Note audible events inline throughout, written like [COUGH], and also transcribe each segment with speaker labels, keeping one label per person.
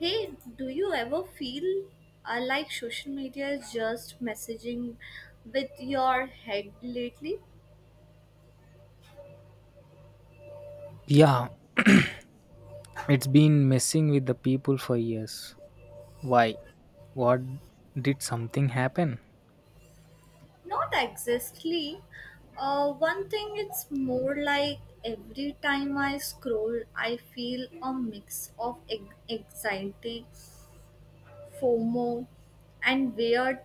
Speaker 1: Hey, do you ever feel like social media is just messaging with your head lately?
Speaker 2: Yeah, it's been messing with the people for years. Why? What did something happen?
Speaker 1: Not exactly. One thing it's more like every time I scroll, I feel a mix of anxiety, FOMO, and weird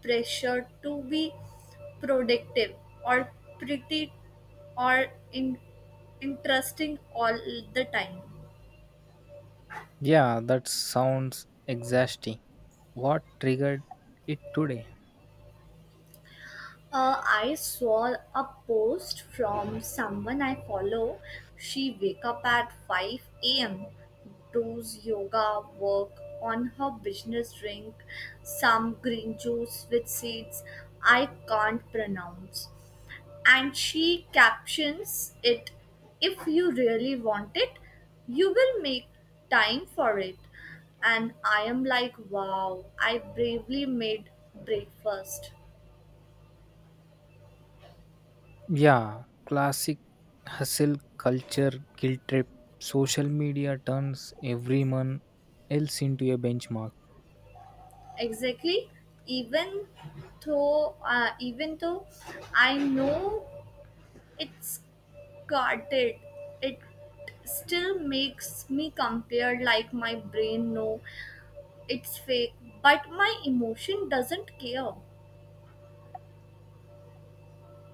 Speaker 1: pressure to be productive or pretty or in- interesting all the time.
Speaker 2: Yeah, that sounds exhausting. What triggered it today?
Speaker 1: I saw a post from someone I follow. She wake up at 5 a.m., does yoga, work on her business, drink some green juice with seeds I can't pronounce. And she captions it, if you really want it, you will make time for it. And I am like, wow, I bravely made breakfast.
Speaker 2: Yeah, classic hustle culture guilt trip. Social media turns everyone else into a benchmark.
Speaker 1: Exactly. Even though uh, even though I know it's guarded it still makes me compare, like my brain know it's fake but my emotion doesn't care,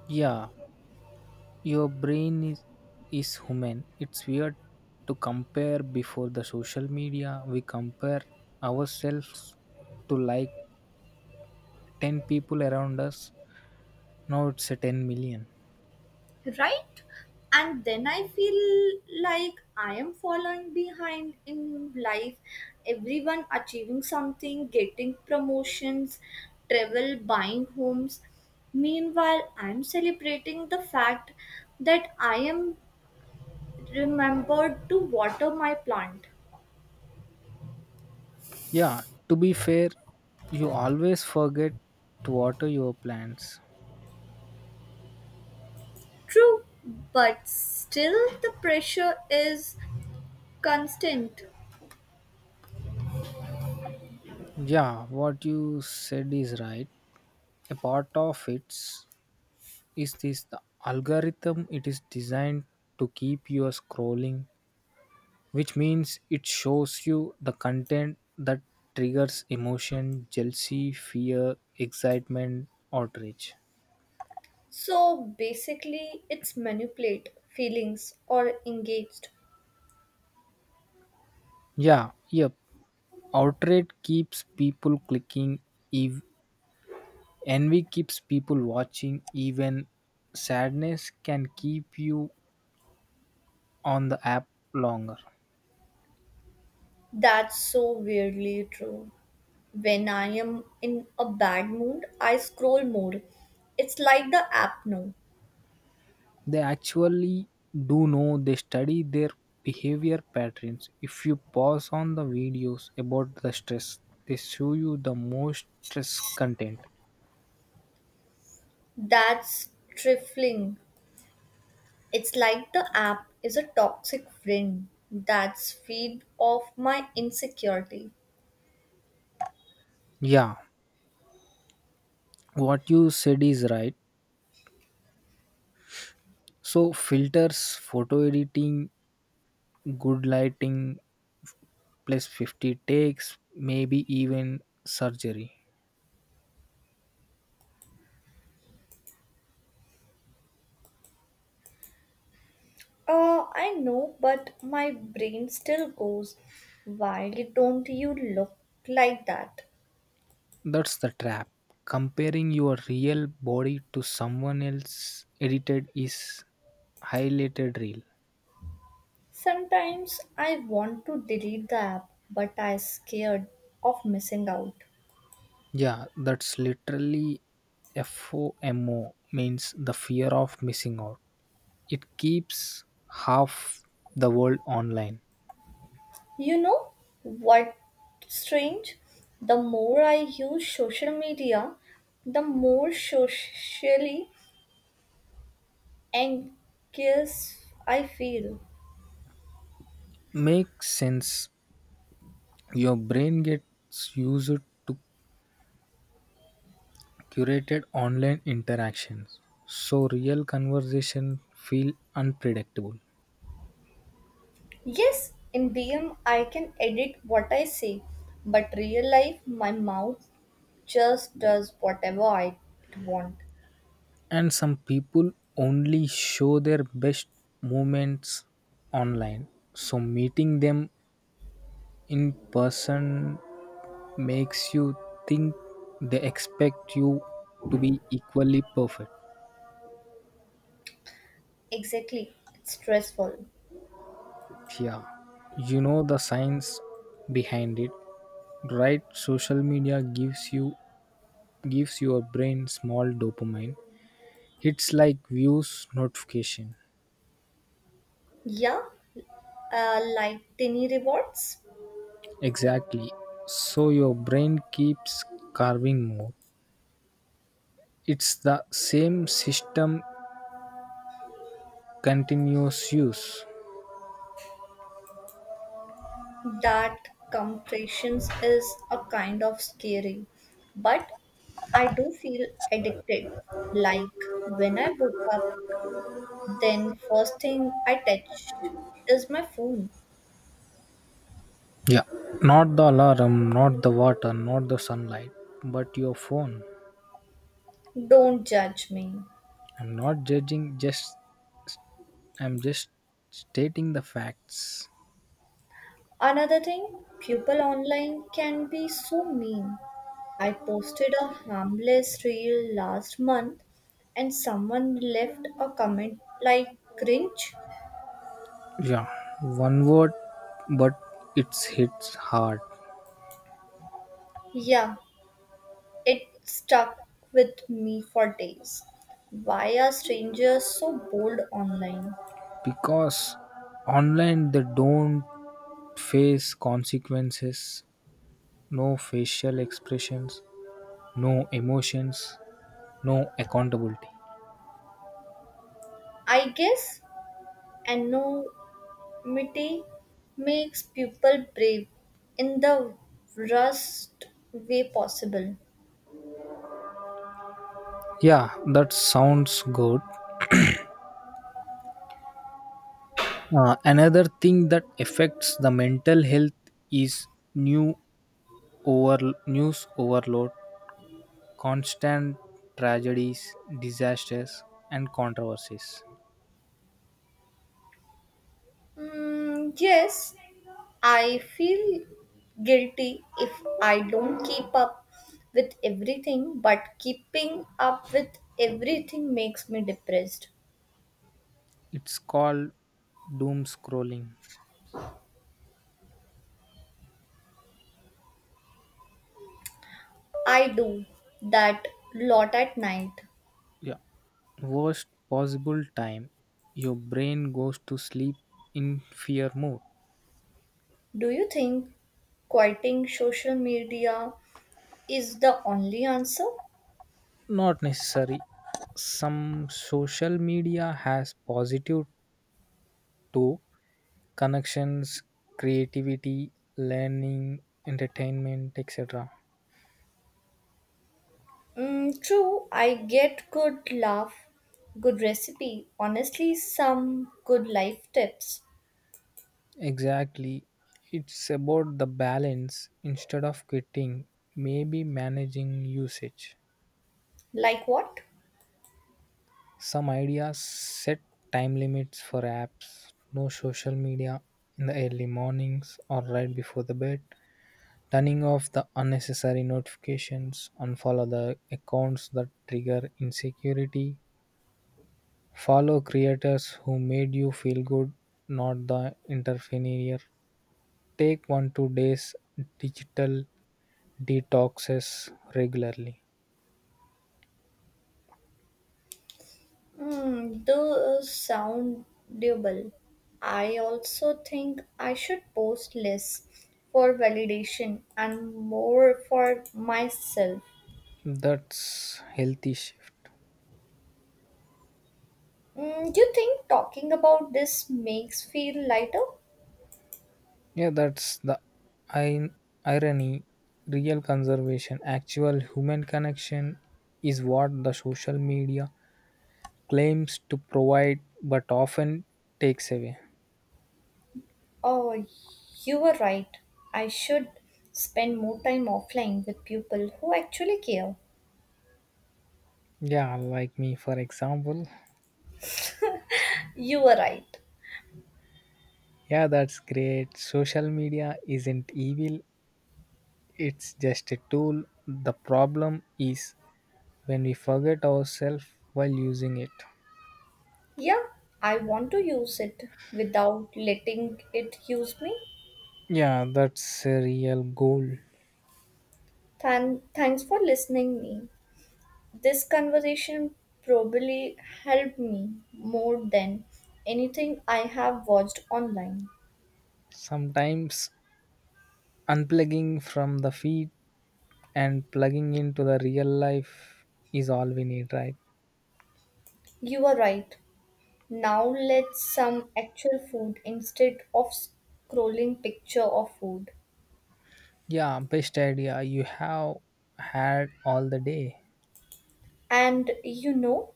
Speaker 2: Yeah, your brain is human. It's weird to compare before the social media. We compare ourselves to like 10 people around us. Now it's a 10 million.
Speaker 1: right? And then I feel like I am falling behind in life. Everyone achieving something, getting promotions, travel, buying homes. Meanwhile, I'm celebrating the fact that I am remembered to water my plant.
Speaker 2: Yeah, to be fair, you always forget to water your plants.
Speaker 1: True, but still the pressure is constant.
Speaker 2: Yeah, what you said is right. A part of it is this the algorithm it is designed to keep you scrolling, which means it shows you the content that triggers emotion, jealousy, fear, excitement, outrage.
Speaker 1: So basically, it's manipulate feelings or engaged.
Speaker 2: Yeah, yep. Outrage keeps people clicking ev- envy keeps people watching, even sadness can keep you on the app longer.
Speaker 1: That's so weirdly true. When I am in a bad mood, I scroll more. It's like the app now.
Speaker 2: They actually do know they study their behavior patterns. If you pause on the videos about the stress, they show you the most stress content.
Speaker 1: That's trifling. It's like the app is a toxic friend that's feed off my insecurity.
Speaker 2: Yeah, what you said is right. So, filters, photo editing, good lighting, plus 50 takes, maybe even surgery.
Speaker 1: I know, but my brain still goes, why don't you look like that?
Speaker 2: That's the trap. Comparing your real body to someone else edited is highlighted real.
Speaker 1: Sometimes I want to delete the app, but I'm scared of missing out.
Speaker 2: Yeah, that's literally FOMO means the fear of missing out. It keeps half the world online.
Speaker 1: You know what strange? The more I use social media, the more socially anxious I feel.
Speaker 2: Makes sense. Your brain gets used to curated online interactions. So real conversation feel unpredictable.
Speaker 1: Yes, in DM I can edit what I say, but real life my mouth just does whatever I want.
Speaker 2: And some people only show their best moments online, so meeting them in person makes you think they expect you to be equally perfect.
Speaker 1: Exactly, it's stressful.
Speaker 2: Yeah, you know the science behind it, right? Social media gives your brain small dopamine hits like views, notification.
Speaker 1: Yeah, like tiny rewards.
Speaker 2: Exactly, so your brain keeps carving more. It's the same system, continuous use.
Speaker 1: That compressions is a kind of scary, but I do feel addicted. Like when I woke up, then first thing I touch is my phone.
Speaker 2: Yeah. Not the alarm, not the water, not the sunlight, but your phone.
Speaker 1: Don't judge me.
Speaker 2: I'm not judging, just I'm just stating the facts.
Speaker 1: Another thing, people online can be so mean. I posted a harmless reel last month and someone left a comment like cringe.
Speaker 2: Yeah, one word, but it hits hard
Speaker 1: Yeah, it stuck with me for days. Why are strangers so bold online?
Speaker 2: because online they don't face consequences, no facial expressions, no emotions, no accountability.
Speaker 1: I guess anonymity makes people brave in the worst way possible.
Speaker 2: Yeah, that sounds good. Another thing that affects the mental health is new news overload, constant tragedies, disasters, and controversies.
Speaker 1: Mm, yes, I feel guilty if I don't keep up with everything, but keeping up with everything makes me depressed.
Speaker 2: It's called doom scrolling.
Speaker 1: I do that lot at night.
Speaker 2: Yeah, worst possible time. Your brain goes to sleep in fear mode.
Speaker 1: Do you think quieting social media is the only answer?
Speaker 2: Not necessary. Some social media has positive too, connections, creativity, learning, entertainment, etc.
Speaker 1: Mm, true, I get good laugh, good recipe, honestly, some good life tips.
Speaker 2: Exactly. It's about the balance instead of quitting, maybe managing usage.
Speaker 1: Like what?
Speaker 2: Some ideas: set time limits for apps, no social media in the early mornings or right before the bed, turning off the unnecessary notifications, unfollow the accounts that trigger insecurity, follow creators who made you feel good, not the interfere. Take one to days digital detoxes regularly.
Speaker 1: Mm, those sound doable. I also think I should post less for validation and more for myself.
Speaker 2: That's healthy shift.
Speaker 1: Mm, do you think talking about this makes feel lighter?
Speaker 2: Yeah, that's the in- irony. Real conservation, actual human connection is what the social media claims to provide but often takes away.
Speaker 1: Oh, you were right. I should spend more time offline with people who actually care.
Speaker 2: Yeah, like me, for example.
Speaker 1: You were right.
Speaker 2: Yeah, that's great. Social media isn't evil, it's just a tool. The problem is when we forget ourselves while using it.
Speaker 1: Yeah, I want to use it without letting it use me.
Speaker 2: Yeah, that's a real goal.
Speaker 1: Thanks for listening me. This conversation probably helped me more than anything I have watched online.
Speaker 2: Sometimes unplugging from the feed and plugging into the real life is all we need, right?
Speaker 1: You are right. Now let's some actual food instead of scrolling picture of food.
Speaker 2: Yeah, best idea you have had all the day.
Speaker 1: And you know,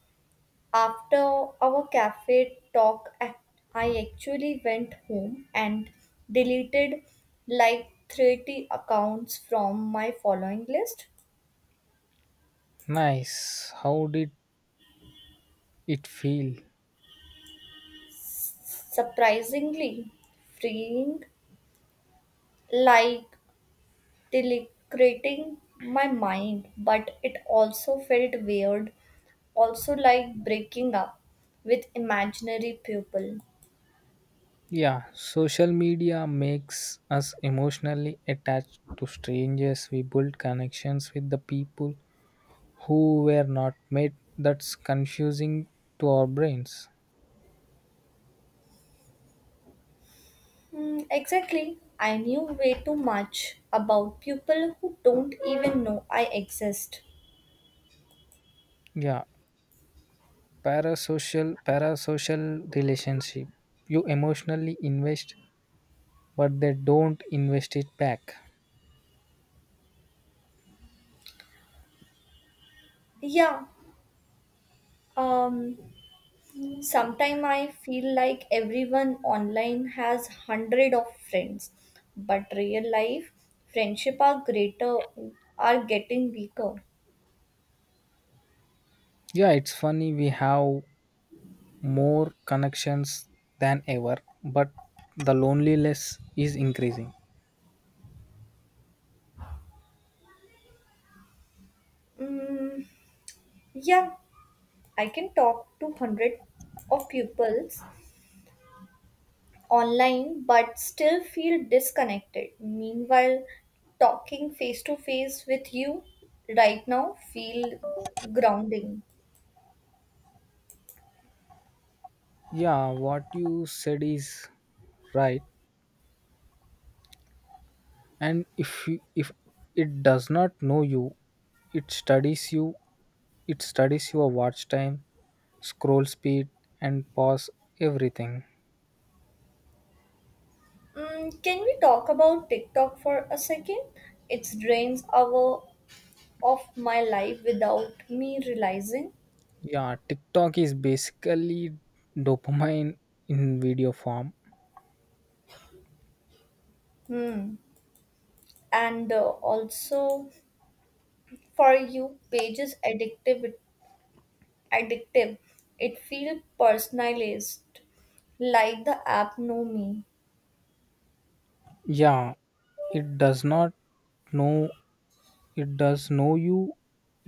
Speaker 1: after our cafe talk, I actually went home and deleted like 30 accounts from my following list.
Speaker 2: Nice. How did it feel?
Speaker 1: Surprisingly freeing, like deleting my mind, but it also felt weird, also like breaking up with imaginary people.
Speaker 2: Yeah, social media makes us emotionally attached to strangers. We build connections with the people who were not met. That's confusing to our brains.
Speaker 1: Hmm, exactly. I knew way too much about people who don't even know I exist.
Speaker 2: Yeah, parasocial relationship. You emotionally invest, but they don't invest it back.
Speaker 1: Yeah. Um sometime I feel like everyone online has hundred of friends, but real life friendship are greater are getting weaker.
Speaker 2: Yeah, it's funny we have more connections than ever, but the loneliness is increasing.
Speaker 1: Mm, yeah, I can talk to hundred of pupils, online but still feel disconnected. Meanwhile, talking face to face with you right now feel grounding.
Speaker 2: Yeah, what you said is right. And if it does not know you, it studies you, it studies your watch time, scroll speed, and pause, everything.
Speaker 1: Mm, can we talk about TikTok for a second? It drains hour of my life without me realizing.
Speaker 2: Yeah, TikTok is basically dopamine in video form.
Speaker 1: Hmm. And also for you, pages addictive. Addictive. It feels personalized, like the app know me.
Speaker 2: Yeah, it does not know, it does know you,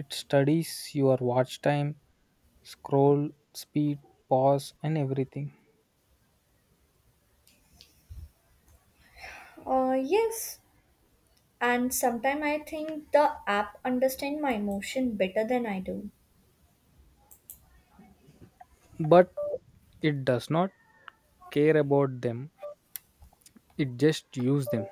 Speaker 2: it studies your watch time, scroll speed, pause, and everything.
Speaker 1: Yes, and sometimes I think the app understand my emotion better than I do.
Speaker 2: But it does not care about them, it just use them.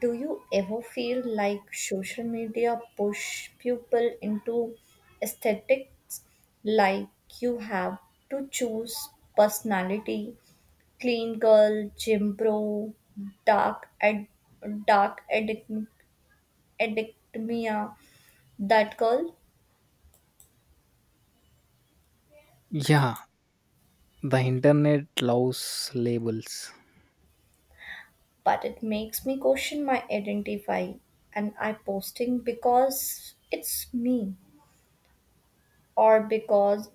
Speaker 1: Do you ever feel like social media push people into aesthetics, like you have to choose personality, clean girl, gym bro, dark ad, dark addict, addictmia, that girl?
Speaker 2: Yeah, the internet loves labels.
Speaker 1: But it makes me question my identify and I posting because it's me, or because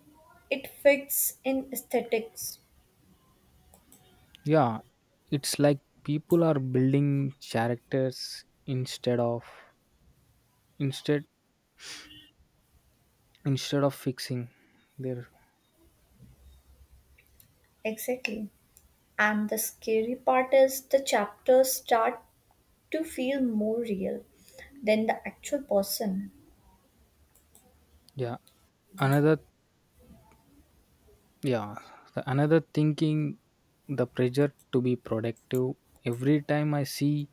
Speaker 1: it fits in aesthetics,
Speaker 2: Yeah, it's like people are building characters instead instead of fixing their.
Speaker 1: exactly. And the scary part is the chapters start to feel more real than the actual person.
Speaker 2: Yeah another yeah the another thinking, the pressure to be productive. Every time I see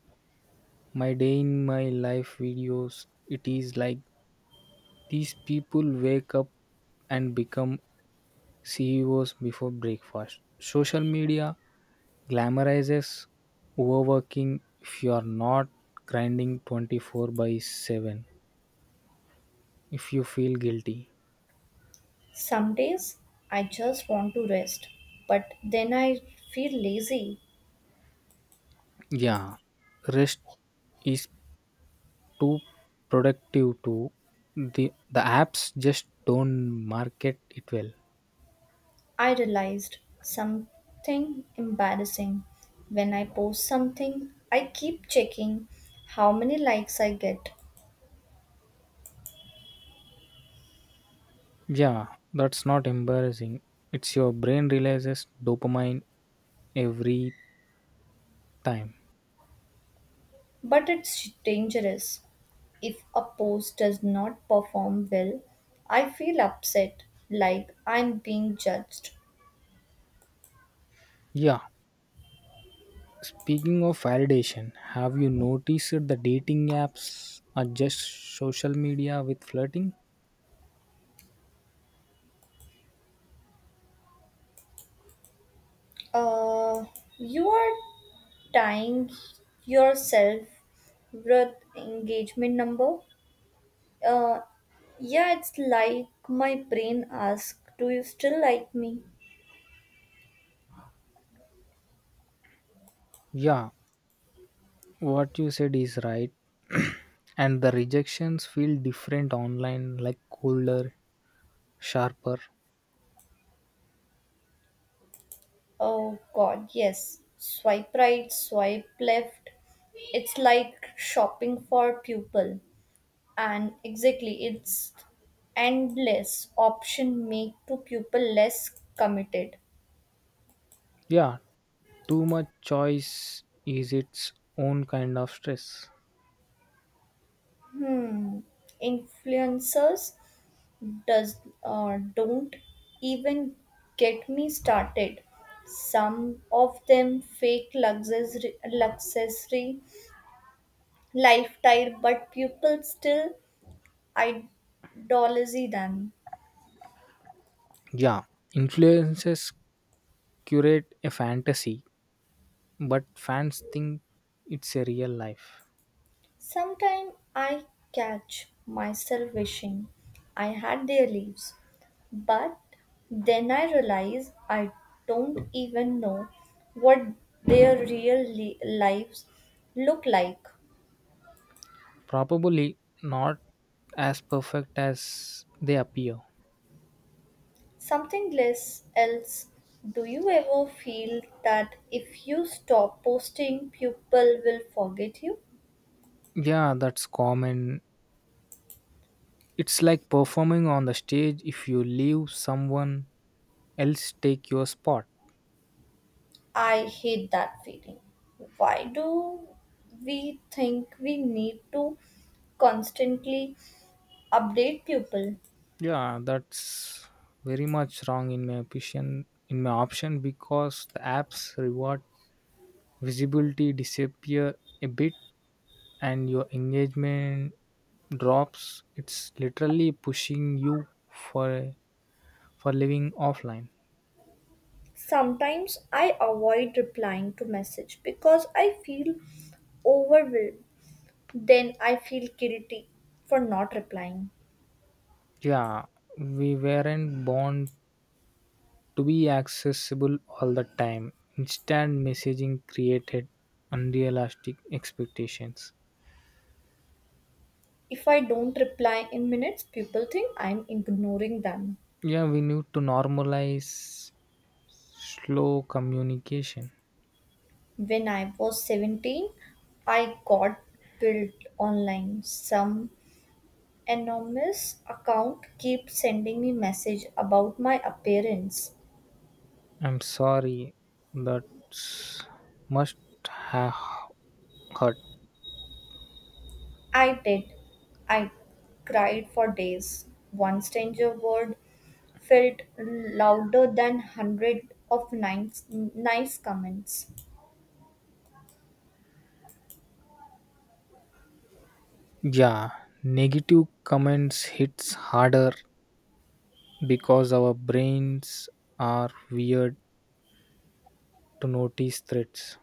Speaker 2: my day in my life videos, it is like these people wake up and become CEOs before breakfast. Social media glamorizes overworking. If you are not grinding 24/7, if you feel guilty,
Speaker 1: Some days I just want to rest, but then I feel lazy.
Speaker 2: yeah, rest is too productive too. The apps just don't market it well.
Speaker 1: I realized something embarrassing. When I post something, I keep checking how many likes I get.
Speaker 2: Yeah, that's not embarrassing. It's your brain releases dopamine every time.
Speaker 1: But it's dangerous. If a post does not perform well, I feel upset, like I'm being judged.
Speaker 2: Yeah, speaking of validation, have you noticed the dating apps are just social media with flirting?
Speaker 1: Uh, you are tying yourself with engagement number. Uh, yeah, it's like my brain asks, do you still like me?
Speaker 2: Yeah, what you said is right. [CLEARS THROAT] And the rejections feel different online, like colder, sharper.
Speaker 1: Oh god, yes. Swipe right, swipe left. It's like shopping for pupil, and exactly it's endless option make to people less committed.
Speaker 2: Yeah, too much choice is its own kind of stress.
Speaker 1: Hmm, influencers does don't even get me started, some of them fake luxury luxury lifestyle but people still idolize them.
Speaker 2: Yeah, influences curate a fantasy, but fans think it's a real life.
Speaker 1: Sometimes I catch myself wishing I had their leaves, but then I realize I don't even know what their real lives look like.
Speaker 2: Probably not as perfect as they appear.
Speaker 1: Something less else. Do you ever feel that if you stop posting, people will forget you?
Speaker 2: Yeah, that's common. It's like performing on the stage, if you leave someone else take your spot.
Speaker 1: I hate that feeling. Why do we think we need to constantly update people.
Speaker 2: Yeah, that's very much wrong in my opinion in my option because the apps reward visibility, disappear a bit and your engagement drops. It's literally pushing you for living offline.
Speaker 1: Sometimes I avoid replying to message because I feel overwhelmed. Then I feel guilty for not replying.
Speaker 2: Yeah, we weren't born to be accessible all the time. Instant messaging created unrealistic expectations.
Speaker 1: If I don't reply in minutes, people think I'm ignoring them.
Speaker 2: Yeah, we need to normalize slow communication.
Speaker 1: When I was 17, I got built online. Some anonymous account keep sending me message about my appearance.
Speaker 2: I'm sorry that must have hurt.
Speaker 1: I did. I cried for days. One stranger word felt louder than hundred of nice comments.
Speaker 2: Yeah, negative comments hits harder because our brains are weird to notice threats.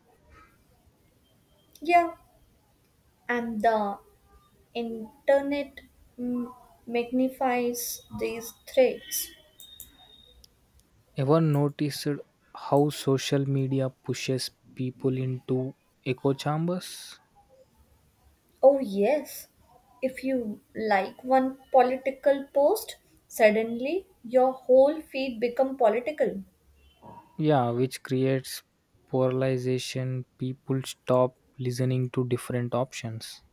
Speaker 1: Yeah, and the internet, mm, magnifies these threats.
Speaker 2: Ever noticed how social media pushes people into echo chambers?
Speaker 1: Oh, yes. If you like one political post, suddenly your whole feed become political.
Speaker 2: Yeah, which creates polarization. People stop listening to different options.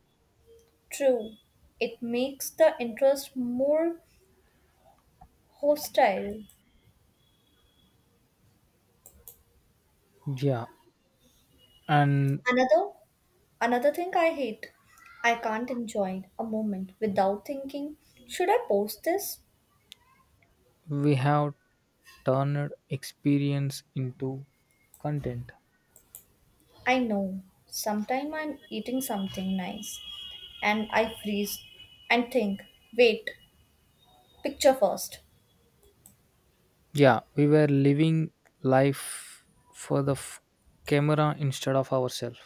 Speaker 1: True. It makes the interest more hostile.
Speaker 2: Yeah, and
Speaker 1: Another Another thing I hate. I can't enjoy a moment without thinking, should I post this?
Speaker 2: we have turned experience into content.
Speaker 1: I know. Sometime I'm eating something nice and I freeze and think, wait, picture first.
Speaker 2: Yeah, we were living life for the camera instead of ourselves.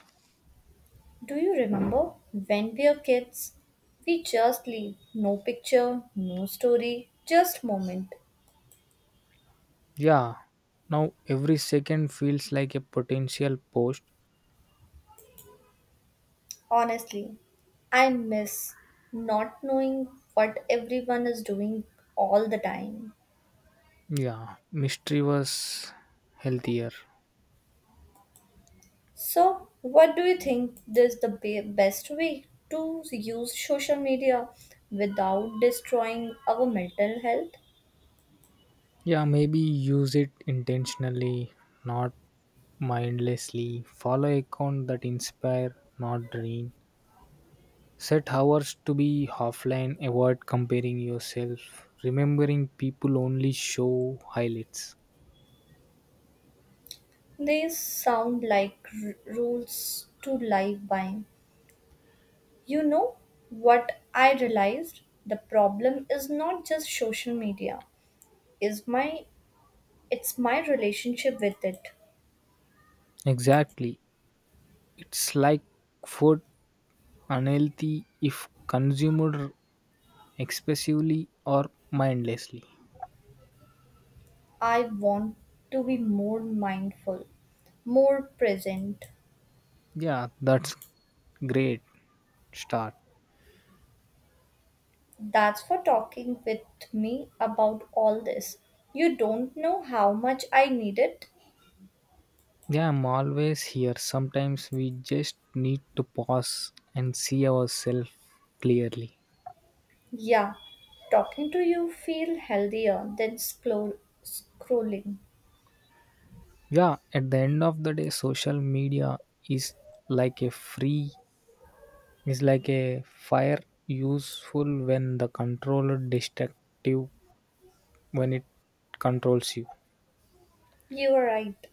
Speaker 1: Do you remember when we were kids? We just leave no picture, no story, just moment.
Speaker 2: Yeah, now every second feels like a potential post.
Speaker 1: Honestly, I miss not knowing what everyone is doing all the time.
Speaker 2: Yeah, mystery was healthier.
Speaker 1: So, what do you think is the best way to use social media without destroying our mental health?
Speaker 2: Yeah, maybe use it intentionally, not mindlessly. Follow account that inspire, not drain. Set hours to be offline. Avoid comparing yourself. Remembering people only show highlights.
Speaker 1: These sound like rules to live by. You know what I realized? The problem is not just social media. Is my it's my relationship with it.
Speaker 2: Exactly. It's like food, unhealthy if consumed excessively or mindlessly.
Speaker 1: I want to be more mindful, more present.
Speaker 2: Yeah, that's great start.
Speaker 1: That's for talking with me about all this. You don't know how much I need it.
Speaker 2: Yeah, I'm always here. Sometimes we just need to pause and see ourselves clearly.
Speaker 1: Yeah, talking to you feel healthier than scrolling.
Speaker 2: Yeah, at the end of the day, social media is like a free, is like a fire, useful when the controller, destructive when it controls you.
Speaker 1: You are right.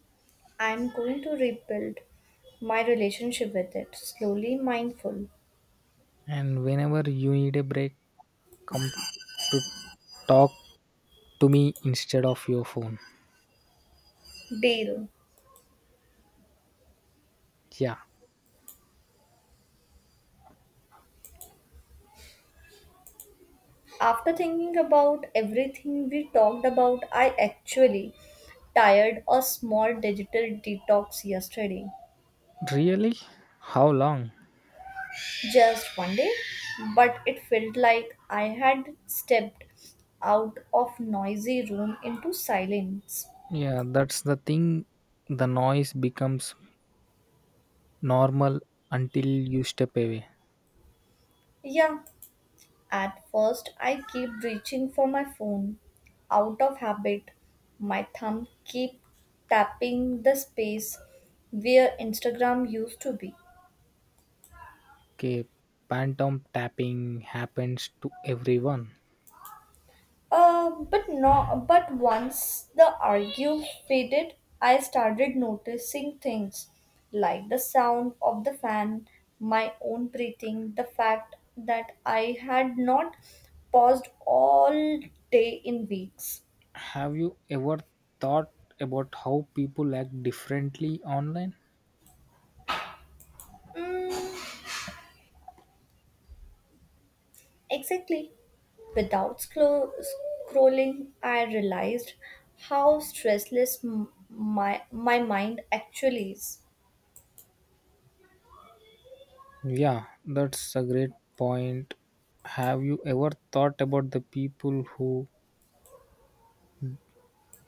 Speaker 1: I'm going to rebuild my relationship with it, slowly mindful.
Speaker 2: And whenever you need a break, come to talk to me instead of your phone.
Speaker 1: Deal.
Speaker 2: Yeah,
Speaker 1: After thinking about everything we talked about, I actually tired a small digital detox yesterday.
Speaker 2: really? How long?
Speaker 1: Just one day, but it felt like I had stepped out of noisy room into silence.
Speaker 2: Yeah, that's the thing. The noise becomes normal until you step away.
Speaker 1: Yeah, at first I keep reaching for my phone. Out of habit, my thumb keep tapping the space where Instagram used to be.
Speaker 2: Okay, phantom tapping happens to everyone.
Speaker 1: But no, but once the argue faded, I started noticing things like the sound of the fan, my own breathing, the fact that I had not paused all day in weeks.
Speaker 2: Have you ever thought about how people act differently online?
Speaker 1: Exactly. Without scrolling, I realized how stressless my mind actually is.
Speaker 2: Yeah, that's a great point. Have you ever thought about the people who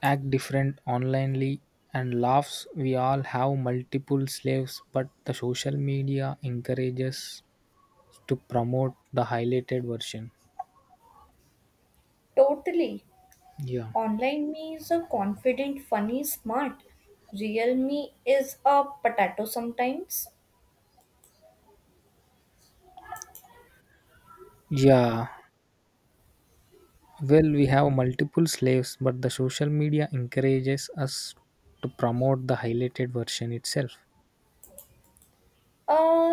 Speaker 2: act different onlinely and laughs? We all have multiple slaves, but the social media encourages to promote the highlighted version.
Speaker 1: Totally.
Speaker 2: Yeah.
Speaker 1: Online me is a confident, funny, smart. Real me is a potato sometimes.
Speaker 2: Yeah, well, we have multiple slaves, but the social media encourages us to promote the highlighted version itself.
Speaker 1: A